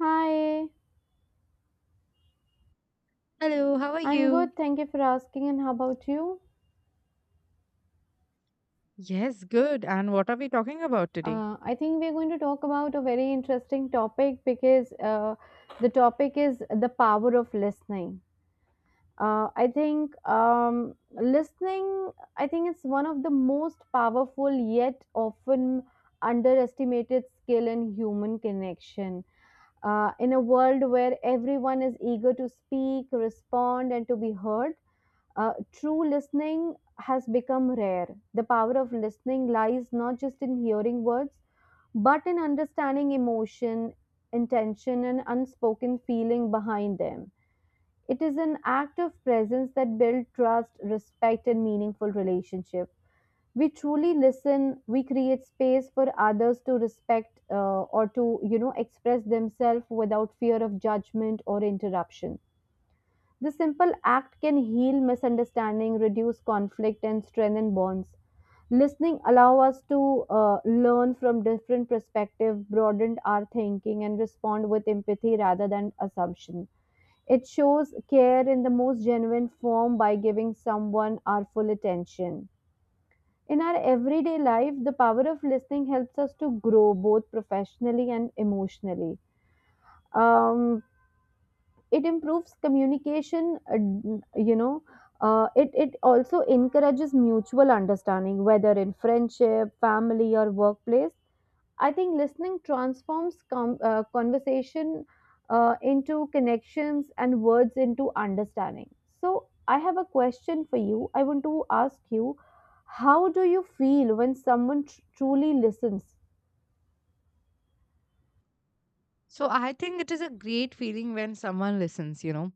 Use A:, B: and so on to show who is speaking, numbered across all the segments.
A: Hi,
B: Hello, how are
A: I'm good.
B: you?
A: Thank you for asking. And how about you?
B: Yes, good. And what are we talking about today?
A: I think we're going to talk about a very interesting topic because the topic is the power of listening. I think listening, I think it's one of the most powerful yet often underestimated skill in human connection. In a world where everyone is eager to speak, respond, and to be heard, true listening has become rare. The power of listening lies not just in hearing words, but in understanding emotion, intention, and unspoken feeling behind them. It is an act of presence that builds trust, respect, and meaningful relationship. We truly listen. We create space for others to respect or to, you know, express themselves without fear of judgment or interruption. This simple act can heal misunderstanding, reduce conflict, and strengthen bonds. Listening allow us to learn from different perspectives, broaden our thinking, and respond with empathy rather than assumption. It shows care in the most genuine form by giving someone our full attention. In our everyday life, the power of listening helps us to grow both professionally and emotionally. Um, it improves communication you know it also encourages mutual understanding, whether in friendship, family, or workplace. I think listening transforms conversation into connections and words into understanding. So I have a question for you. I want to ask you, how do you feel when someone truly listens?
B: So, I think it is a great feeling when someone listens, you know.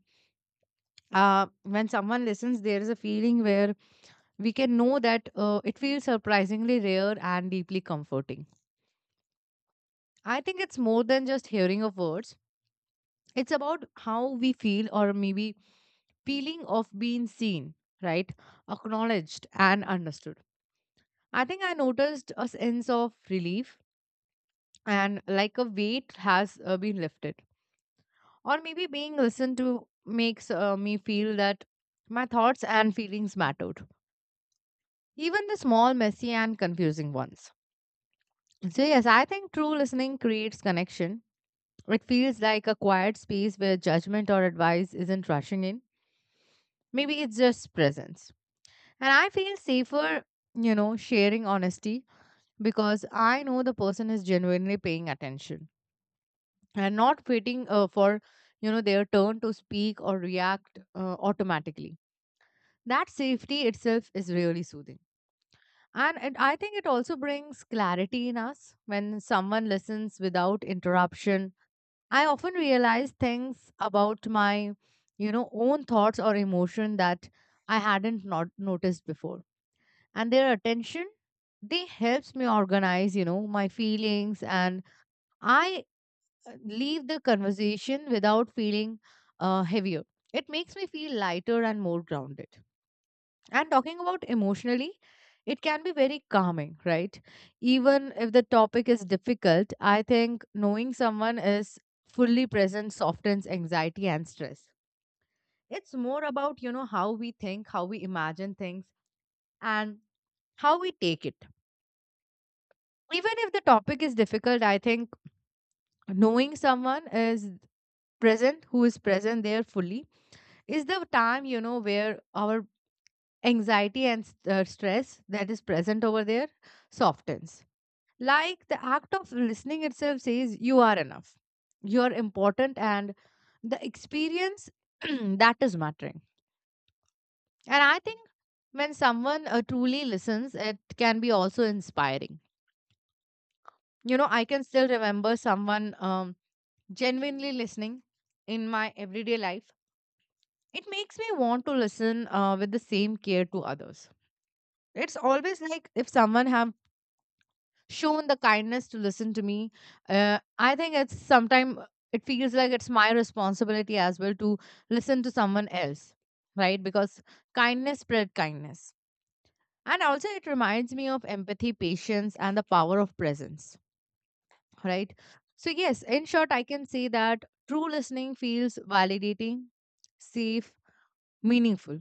B: When someone listens, there is a feeling where we can know that it feels surprisingly rare and deeply comforting. I think it's more than just hearing of words, it's about how we feel, or maybe feeling of being seen, right? Acknowledged and understood. I think I noticed a sense of relief and like a weight has been lifted. Or maybe being listened to makes me feel that my thoughts and feelings mattered, even the small messy and confusing ones. So yes, I think true listening creates connection. It feels like a quiet space where judgment or advice isn't rushing in. Maybe it's just presence, and I feel safer, you know, sharing honesty, because I know the person is genuinely paying attention and not waiting for, you know, their turn to speak or react automatically. That safety itself is really soothing. I think it also brings clarity in us when someone listens without interruption. I often realize things about my, you know, own thoughts or emotion that I hadn't not noticed before. And their attention, they helps me organize, you know, my feelings, and I leave the conversation without feeling heavier. It makes me feel lighter and more grounded. And talking about emotionally, it can be very calming, right? Even if the topic is difficult, I think knowing someone is fully present softens anxiety and stress. It's more about, you know, how we think, how we imagine things, and how we take it. Even if the topic is difficult, I think knowing someone is present, who is present there fully, is the time, you know, where our anxiety and stress that is present over there softens. Like the act of listening itself says, you are enough, you're important, and the experience that is mattering. And I think when someone truly listens, it can be also inspiring. You know, I can still remember someone genuinely listening in my everyday life. It makes me want to listen with the same care to others. It's always like, if someone have shown the kindness to listen to me, I think it's sometime it feels like it's my responsibility as well to listen to someone else, right? Because kindness spread kindness. And also it reminds me of empathy, patience, and the power of presence, right? So yes, in short, I can say that true listening feels validating, safe, meaningful.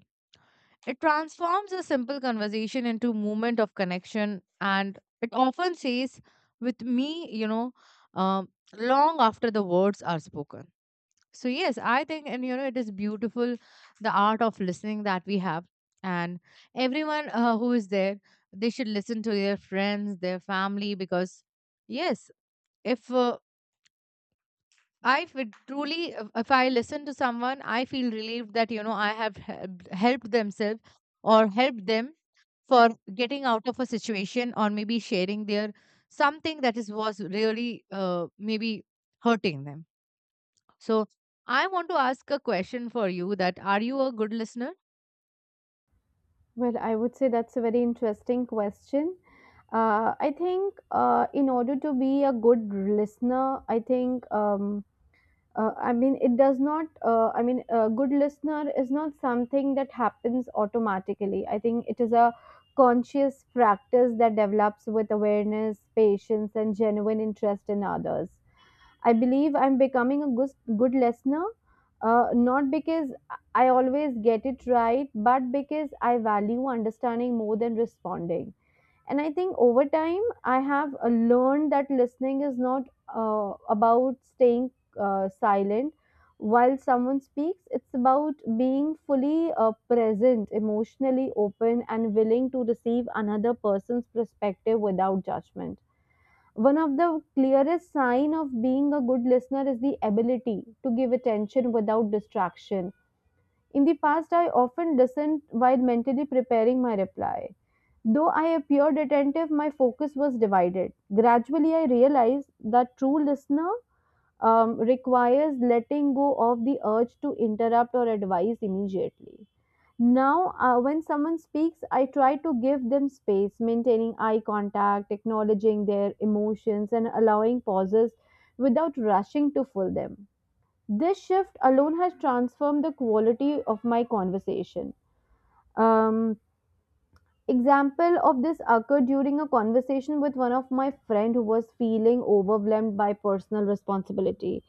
B: It transforms a simple conversation into a moment of connection, and it often stays with me, you know, um, long after the words are spoken. So yes, I think, and you know, it is beautiful, the art of listening that we have, and everyone who is there, they should listen to their friends, their family, because yes, if I feel truly, if I listen to someone, I feel relieved that, you know, I have helped themselves, or helped them, for getting out of a situation or maybe sharing their something that is was really maybe hurting them. So I want to ask a question for you, that are you a good listener?
A: Well, I would say that's a very interesting question. I think in order to be a good listener, I think I mean, a good listener is not something that happens automatically. I think it is a conscious practice that develops with awareness, patience, and genuine interest in others. I believe I'm becoming a good listener, not because I always get it right, but because I value understanding more than responding. And I think over time, I have learned that listening is not about staying silent while someone speaks. It's about being fully present, emotionally open, and willing to receive another person's perspective without judgment. One of the clearest sign of being a good listener is the ability to give attention without distraction. In the past, I often listened while mentally preparing my reply. Though I appeared attentive, my focus was divided. Gradually, I realized that true listener requires letting go of the urge to interrupt or advise immediately. Now, when someone speaks, I try to give them space, maintaining eye contact, acknowledging their emotions, and allowing pauses without rushing to fill them. This shift alone has transformed the quality of my conversation. Um, Example of this occurred during a conversation with one of my friend who was feeling overwhelmed by personal responsibility.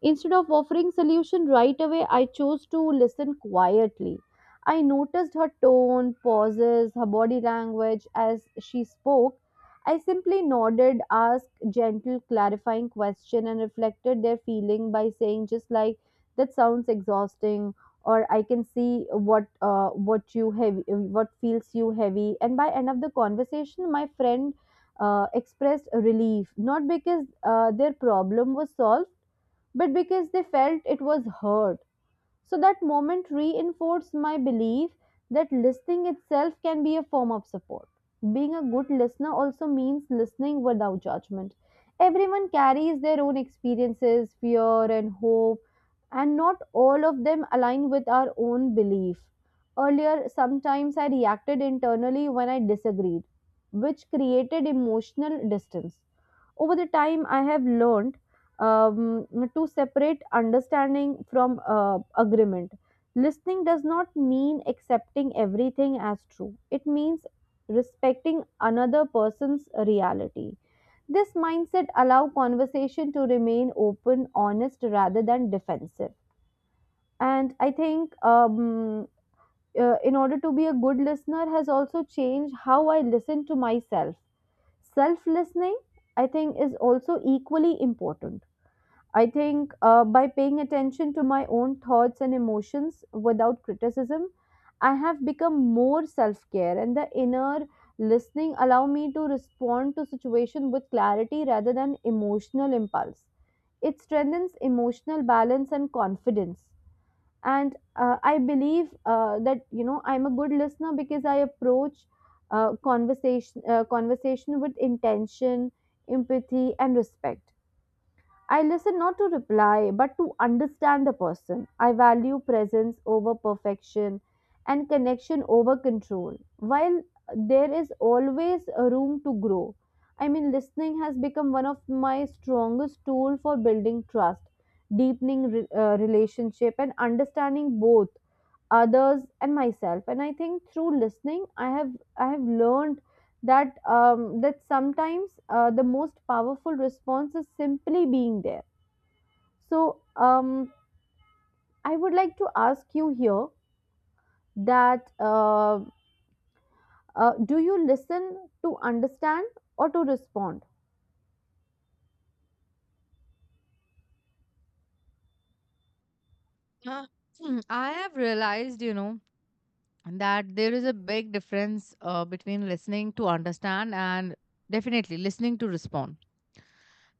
A: Instead of offering solution right away, I chose to listen quietly. I noticed her tone, pauses, her body language as she spoke. I simply nodded, asked gentle clarifying question, and reflected their feeling by saying just like that sounds exhausting or I can see what feels you heavy. And by end of the conversation, my friend expressed relief, not because their problem was solved, but because they felt it was heard. So that moment reinforced my belief that listening itself can be a form of support. Being a good listener also means listening without judgment. Everyone carries their own experiences, fear, and hope, and not all of them align with our own belief. Earlier, sometimes I reacted internally when I disagreed, which created emotional distance over the time. I have learned um, to separate understanding from agreement. Listening does not mean accepting everything as true. It means respecting another person's reality. This mindset allows conversation to remain open, honest, rather than defensive. And I think in order to be a good listener has also changed how I listen to myself. Self listening, I think, is also equally important. I think by paying attention to my own thoughts and emotions without criticism, I have become more self care, and the inner listening allow me to respond to situation with clarity rather than emotional impulse. It strengthens emotional balance and confidence. And I believe that, you know, I'm a good listener because I approach conversation with intention, empathy, and respect. I listen not to reply, but to understand the person. I value presence over perfection and connection over control. While there is always a room to grow, I mean, listening has become one of my strongest tool for building trust, deepening relationship, and understanding both others and myself. And I think through listening, I have learned that that sometimes the most powerful response is simply being there. So, I would like to ask you here that do you listen to understand or to respond?
B: Uh, I have realized, you know, that there is a big difference between listening to understand and definitely listening to respond.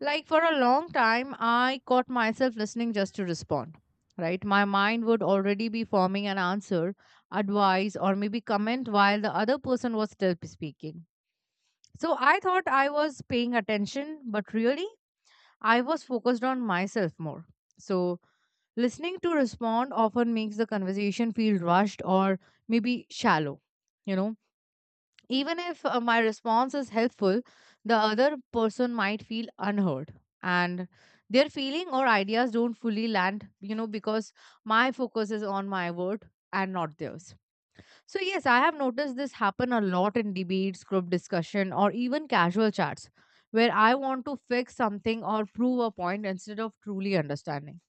B: Like, for a long time, I caught myself listening just to respond. Right? My mind would already be forming an answer, advice, or maybe comment while the other person was still speaking. So I thought I was paying attention, but really, I was focused on myself more. So listening to respond often makes the conversation feel rushed or maybe shallow, you know. Even if my response is helpful, the other person might feel unheard, and their feeling or ideas don't fully land, you know, because my focus is on my word and not theirs. So, yes, I have noticed this happen a lot in debates, group discussion, or even casual chats, where I want to fix something or prove a point instead of truly understanding.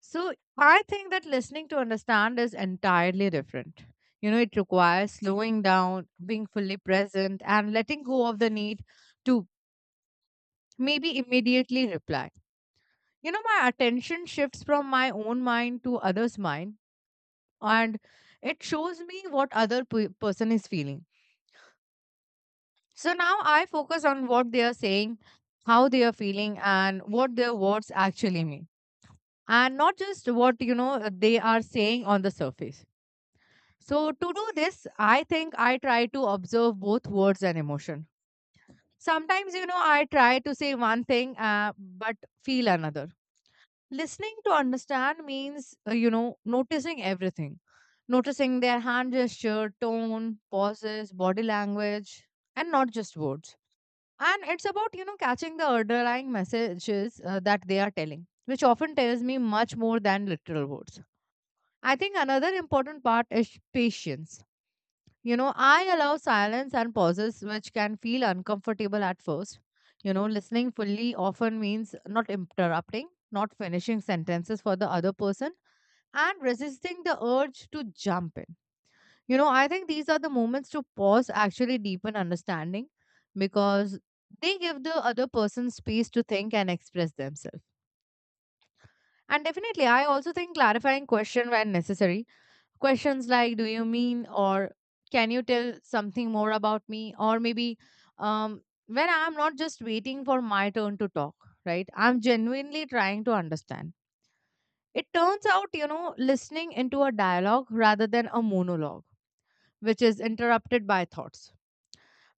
B: So I think that listening to understand is entirely different. You know, it requires slowing down, being fully present, and letting go of the need to maybe immediately reply. You know, my attention shifts from my own mind to others' mind, and it shows me what person is feeling. So now I focus on what they are saying, how they are feeling, and what their words actually mean, and not just what, you know, they are saying on the surface. So, to do this, I think I try to observe both words and emotion. Sometimes, you know, I try to say one thing but feel another. Listening to understand means, you know, noticing everything, noticing their hand gesture, tone, pauses, body language, and not just words. And it's about, you know, catching the underlying messages that they are telling, which often tells me much more than literal words. I think another important part is patience. You know, I allow silence and pauses, which can feel uncomfortable at first. You know, listening fully often means not interrupting, not finishing sentences for the other person, and resisting the urge to jump in. You know, I think these are the moments to pause actually deepen understanding, because they give the other person space to think and express themselves. And definitely, I also think clarifying question when necessary. Questions like, do you mean, or can you tell something more about me? Or maybe um, when I'm not just waiting for my turn to talk, right? I'm genuinely trying to understand. It turns out, you know, listening into a dialogue rather than a monologue, which is interrupted by thoughts.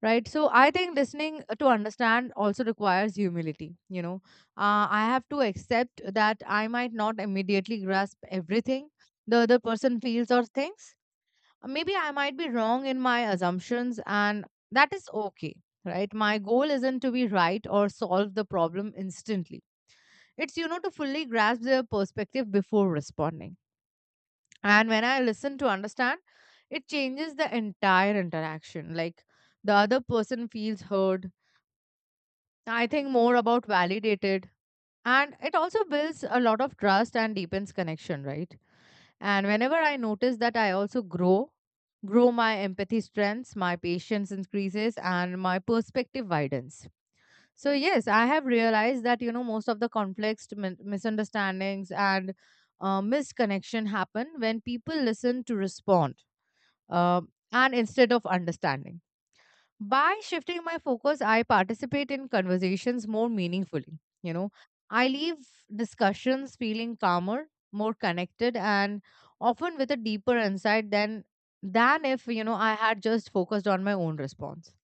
B: Right. So I think listening to understand also requires humility. You know, I have to accept that I might not immediately grasp everything the other person feels or thinks. Maybe I might be wrong in my assumptions, and that is okay, right? My goal isn't to be right or solve the problem instantly. It's, you know, to fully grasp their perspective before responding. And when I listen to understand, it changes the entire interaction. Like, the other person feels heard, I think more about validated, and it also builds a lot of trust and deepens connection, right? And whenever I notice that I also grow, grow my empathy strengths, my patience increases, and my perspective widens. So, yes, I have realized that, you know, most of the conflicts, misunderstandings, and missed connection happen when people listen to respond, uh, and instead of understanding. By shifting my focus, I participate in conversations more meaningfully. You know, I leave discussions feeling calmer, more connected, and often with a deeper insight than if, you know, I had just focused on my own response.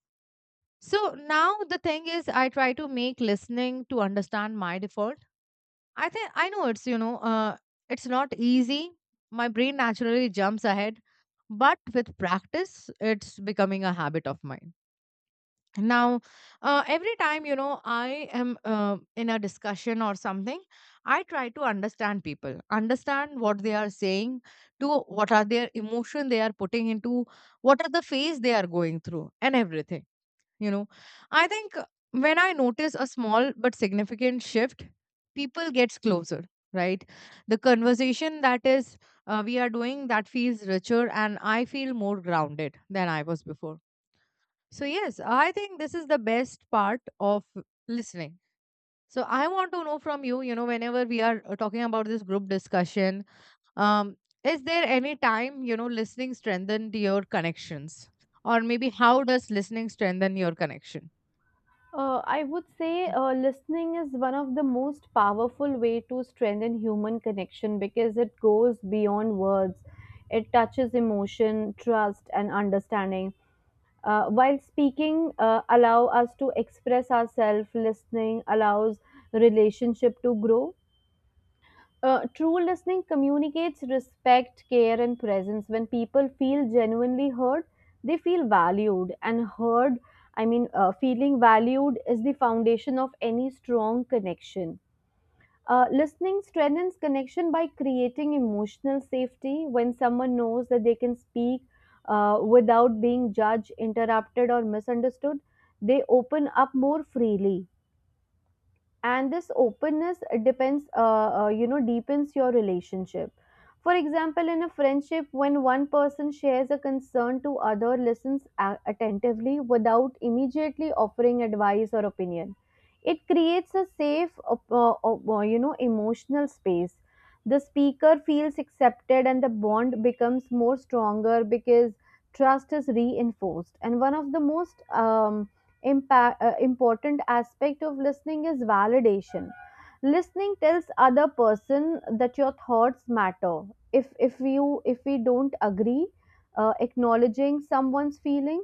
B: So now the thing is, I try to make listening to understand my default. I think I know it's, you know, it's not easy. My brain naturally jumps ahead, but with practice, it's becoming a habit of mine now. Every time, you know, I am in a discussion or something, I try to understand people, understand what they are saying, to what are their emotion they are putting into, what are the phase they are going through, and everything, you know. I think when I notice a small but significant shift, people gets closer, right? The conversation that is, we are doing, that feels richer, and I feel more grounded than I was before. So, yes, I think this is the best part of listening. So, I want to know from you, you know, whenever we are talking about this group discussion, um, is there any time, you know, listening strengthened your connections? Or maybe how does listening strengthen your connection?
A: I would say
B: Mm.
A: listening is one of the most powerful way to strengthen human connection because it goes beyond words. It touches emotion, trust, and understanding. While speaking allow us to express ourselves, listening allows relationship to grow. True listening communicates respect, care, and presence. When people feel genuinely heard, they feel valued. And heard, I mean, feeling valued is the foundation of any strong connection. Listening strengthens connection by creating emotional safety when someone knows that they can speak without being judged, interrupted, or misunderstood. They open up more freely, and this openness depends you know, deepens your relationship. For example, in a friendship, when one person shares a concern to other, listens attentively without immediately offering advice or opinion, it creates a safe you know, emotional space. The speaker feels accepted, and the bond becomes more stronger because trust is reinforced. And one of the most important aspect of listening is validation. Listening tells other person that your thoughts matter. If if you if we don't agree, acknowledging someone's feeling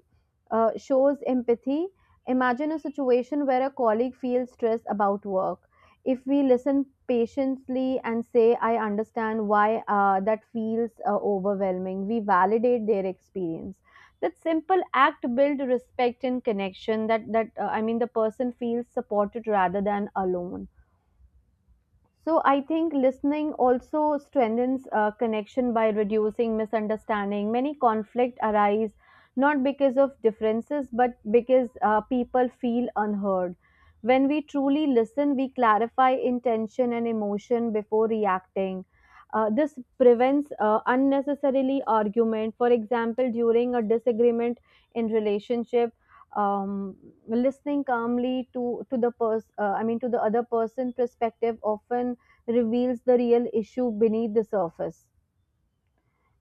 A: shows empathy. Imagine a situation where a colleague feels stressed about work. If we listen patiently and say I understand why that feels overwhelming, we validate their experience. That simple act build respect and connection. That that I mean, the person feels supported rather than alone. So I think listening also strengthens connection by reducing misunderstanding. Many conflict arise not because of differences, but because people feel unheard. When we truly listen, we clarify intention and emotion before reacting. This prevents unnecessarily argument. For example, during a disagreement in relationship, um, listening calmly to the person, I mean, to the other person perspective, often reveals the real issue beneath the surface.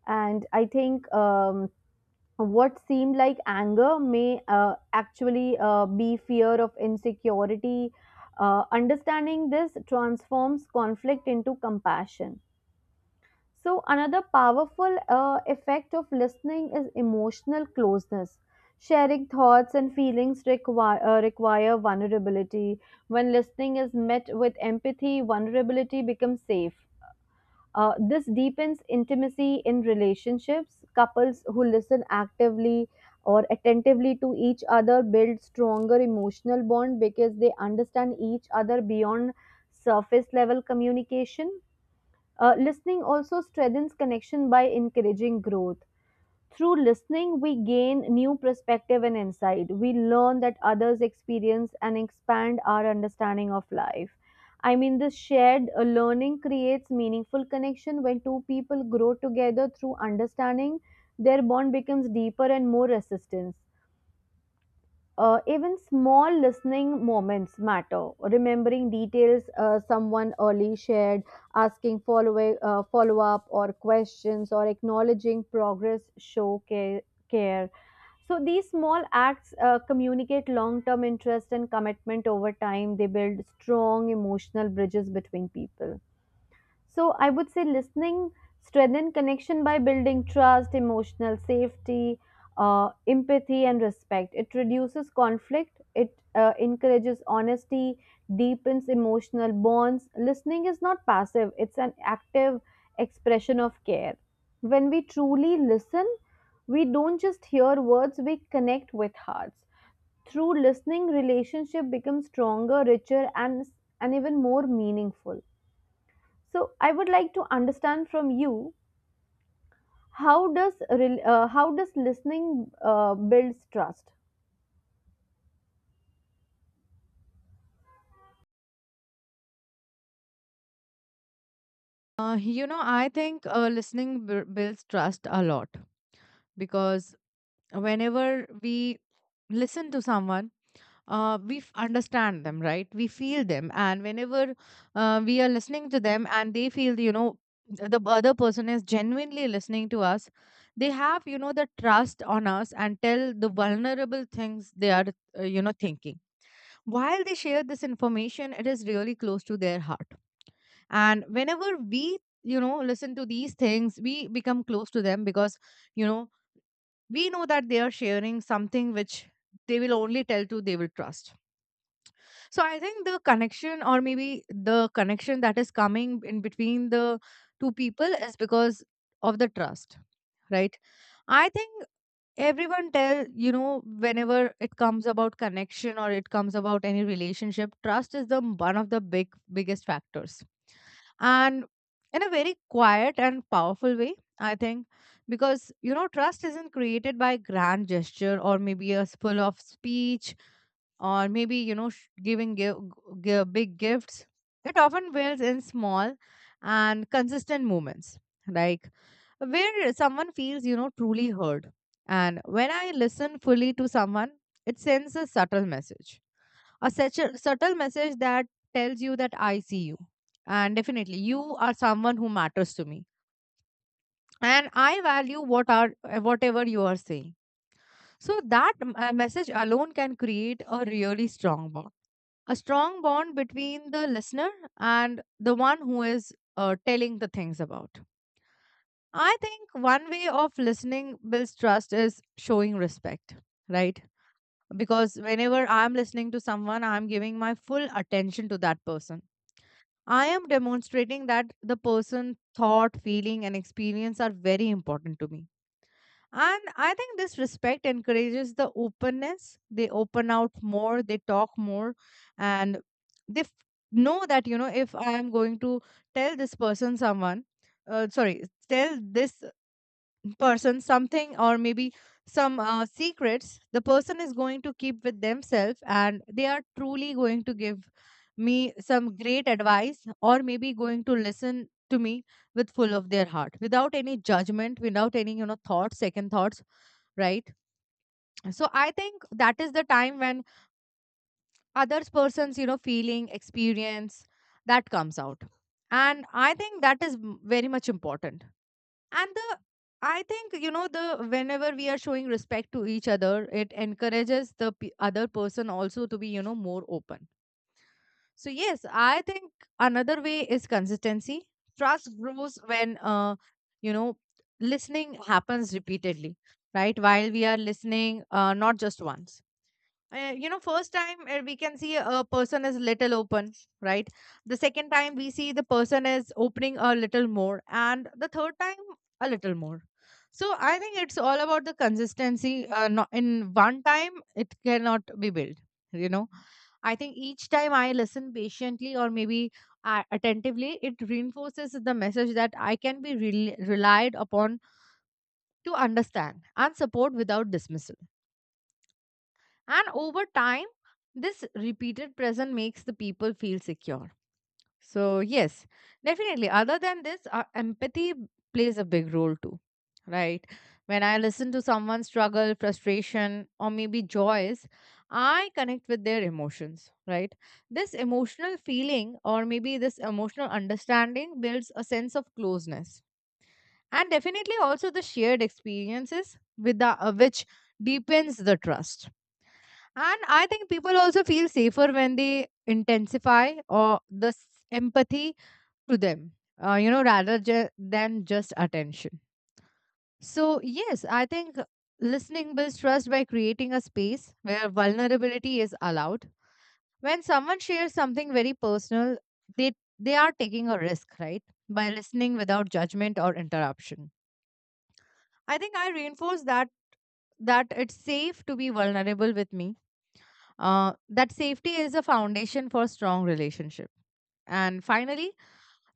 A: And I think what seemed like anger may actually be fear of insecurity. Understanding this transforms conflict into compassion. So, another powerful effect of listening is emotional closeness. Sharing thoughts and feelings require vulnerability. When listening is met with empathy, vulnerability becomes safe. This deepens intimacy in relationships. Couples who listen actively or attentively to each other build stronger emotional bond because they understand each other beyond surface level communication. Listening also strengthens connection by encouraging growth. Through listening, we gain new perspective and insight. We learn that others experience and expand our understanding of life. I mean, this shared learning creates meaningful connection. When two people grow together through understanding, their bond becomes deeper and more resistance. Even small listening moments matter. Remembering details someone early shared, asking follow up or questions, or acknowledging progress show care. So these small acts communicate long term interest and commitment over time. They build strong emotional bridges between people. So I would say listening strengthen connection by building trust, emotional safety, empathy, and respect. It reduces conflict. It encourages honesty, deepens emotional bonds. Listening is not passive; it's an active expression of care. When we truly listen, we don't just hear words; we connect with hearts. Through listening, relationship becomes stronger, richer, and even more meaningful. So I would like to understand from you, how does how does listening builds trust?
B: You know, I think listening builds trust a lot, because whenever we listen to someone, we understand them, right? We feel them. And whenever we are listening to them and they feel, you know, the other person is genuinely listening to us, they have, you know, the trust on us and tell the vulnerable things they are, you know, thinking. While they share this information, it is really close to their heart, and whenever we listen to these things we become close to them because you know we know that they are sharing something which they will only tell to they will trust. So I think the connection, or maybe the connection that is coming in between the two people, is because of the trust, right? I think everyone tell you know whenever it comes about connection or it comes about any relationship, trust is the one of the big biggest factors, and in a very quiet and powerful way, I think, because trust isn't created by grand gesture or maybe a spill of speech, or maybe big gifts. It often builds in small and consistent moments, like where someone feels truly heard. And when I listen fully to someone, it sends a subtle message, a such a subtle message that tells you that I see you, and definitely you are someone who matters to me, and I value whatever you are saying. So that message alone can create a really strong bond, a strong bond between the listener and the one who is telling the things about. I think one way of listening builds trust is showing respect, right? Because whenever I'm listening to someone, I'm giving my full attention to that person. I am demonstrating that the person, thought, feeling, and experience are very important to me. And I think this respect encourages the openness. They open out more, they talk more, and they f- know that, you know, if I am going to tell this person someone, tell this person something, or maybe some secrets, the person is going to keep with themselves, and they are truly going to give me some great advice, or maybe going to listen to me with full of their heart, without any judgment, without any you know thoughts second thoughts, right? So I think that is the time when others persons you know feeling, experience, that comes out. And I think that is very much important. And the I think you know the whenever we are showing respect to each other, it encourages the other person also to be, you know, more open. So, yes, I think another way is consistency. Trust grows when you know listening happens repeatedly, right? While we are listening, not just once. First time, we can see a person is little open, right? The second time we see the person is opening a little more, and the third time a little more. So I think it's all about the consistency. Not in one time it cannot be built, you know. I think each time I listen patiently, or maybe attentively, it reinforces the message that I can be rel relied upon to understand and support without dismissal. And over time, this repeated present makes the people feel secure. So, yes, definitely. Other than this, empathy plays a big role too, right? When I listen to someone's struggle, frustration, or maybe joys, I connect with their emotions, right? This emotional feeling, or maybe this emotional understanding, builds a sense of closeness. And definitely also the shared experiences with the, which deepens the trust. And I think people also feel safer when they intensify or the empathy to them, you know, rather than just attention. So, yes, I think listening builds trust by creating a space where vulnerability is allowed. When someone shares something very personal, they they are taking a risk, right? By listening without judgment or interruption, I think I reinforce that it's safe to be vulnerable with me. That safety is a foundation for strong relationship. And finally,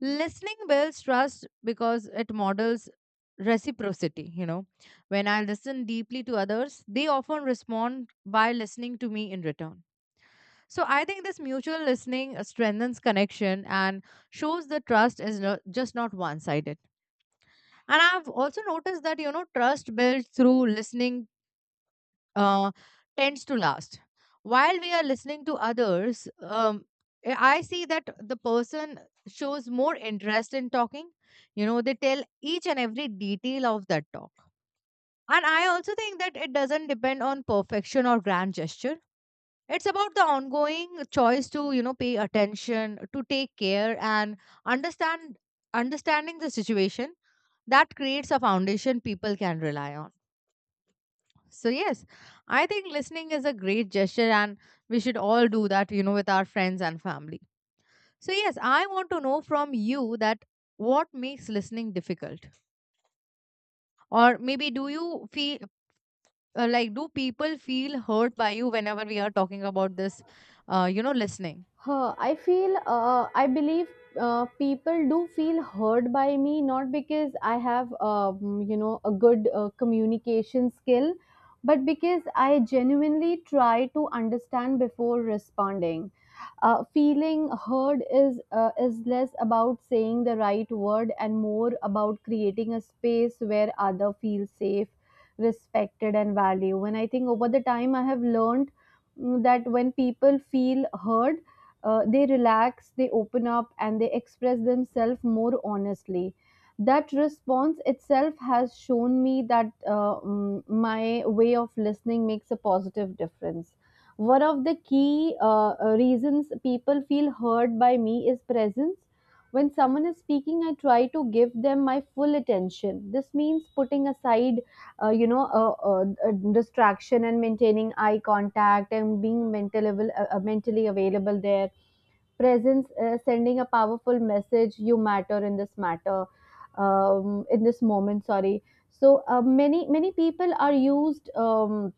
B: listening builds trust because it models reciprocity. You know, when I listen deeply to others, they often respond by listening to me in return. So I think this mutual listening strengthens connection and shows the trust is not, just not one sided. And I've also noticed that, you know, trust built through listening uh, tends to last. While we are listening to others, I see that the person shows more interest in talking. You know, they tell each and every detail of that talk. And I also think that it doesn't depend on perfection or grand gesture. It's about the ongoing choice to, you know, pay attention, to take care, and understand understanding the situation that creates a foundation people can rely on. So, yes, I think listening is a great gesture, and we should all do that, you know, with our friends and family. So, yes, I want to know from you that what makes listening difficult? Or maybe do you feel, like, do people feel hurt by you whenever we are talking about this, you know, listening?
A: Huh, I feel, I believe people do feel heard by me, not because I have, you know, a good communication skill, but because I genuinely try to understand before responding. Feeling heard is less about saying the right word and more about creating a space where other feel safe, respected, and valued. And I think over the time, I have learned that when people feel heard they relax, they open up, and they express themselves more honestly. That response itself has shown me that my way of listening makes a positive difference. One of the key reasons people feel heard by me is presence. When someone is speaking, I try to give them my full attention. This means putting aside, you know, a distraction and maintaining eye contact and being mentally available there. Presence sending a powerful message: you matter in this matter. In this moment, sorry. So many many people are used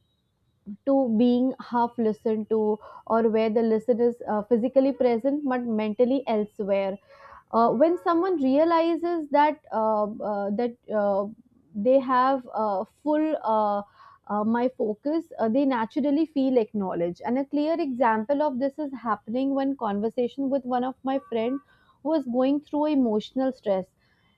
A: to being half listened to, or where the listener is physically present but mentally elsewhere. When someone realizes that that they have full my focus, they naturally feel acknowledged. And a clear example of this is happening when conversation with one of my friend who was going through emotional stress.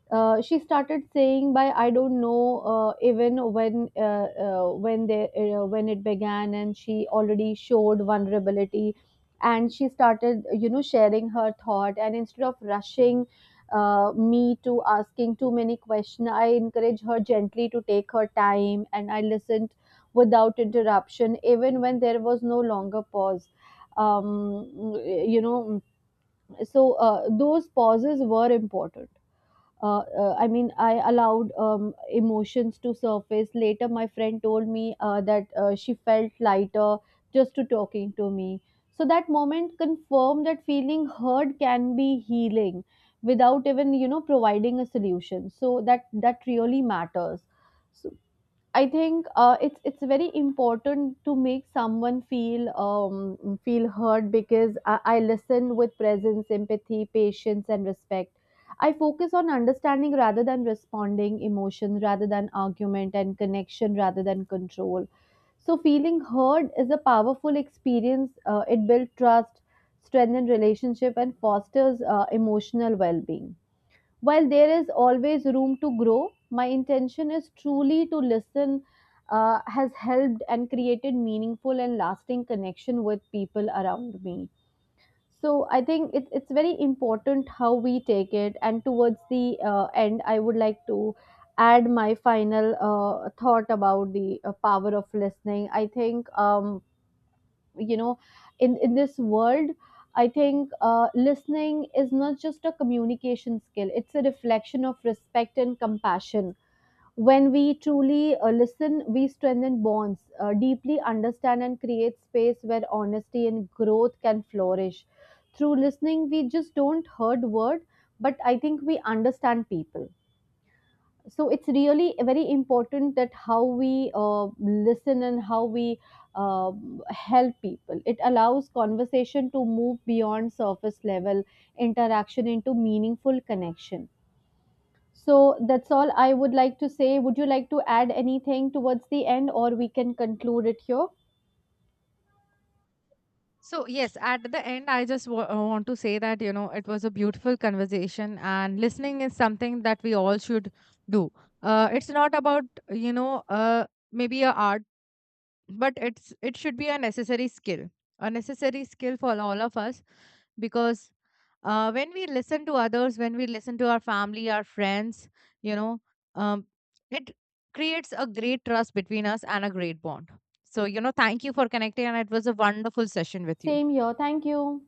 A: She started saying by I don't know even when they when it began, and she already showed vulnerability, and she started, you know, sharing her thought, and instead of rushing me to asking too many questions, I encourage her gently to take her time, and I listened without interruption even when there was no longer pause. um, you know, so those pauses were important. I mean, I allowed emotions to surface. Later, my friend told me that she felt lighter just to talking to me. So that moment confirmed that feeling heard can be healing without even, you know, providing a solution. So that really matters. So I think it's very important to make someone feel feel heard because I listen with presence, empathy, patience, and respect. I focus on understanding rather than responding, emotion rather than argument, and connection rather than control. So feeling heard is a powerful experience. It builds trust, strengthens relationship, and fosters emotional well-being. While there is always room to grow, my intention is truly to listen has helped and created meaningful and lasting connection with people around me. So I think it's very important how we take it. And towards the end, I would like to add my final thought about the power of listening. I think you know, in this world, I think listening is not just a communication skill. It's a reflection of respect and compassion. When we truly listen, we strengthen bonds, deeply understand, and create space where honesty and growth can flourish. Through listening, we just don't hurt word, but I think we understand people. So it's really very important that how we listen and how we uh, help people. It allows conversation to move beyond surface level interaction into meaningful connection. So that's all I would like to say. Would you like to add anything towards the end, or we can conclude it here?
B: So, yes, at the end, I just want to say that, you know, it was a beautiful conversation, and listening is something that we all should do. It's not about, you know, uh, maybe a art, but it should be a necessary skill, a necessary skill for all of us. Because when we listen to others, when we listen to our family, our friends, you know, um, it creates a great trust between us and a great bond. So, you know, thank you for connecting, and it was a wonderful session with you.
A: Same here, thank you.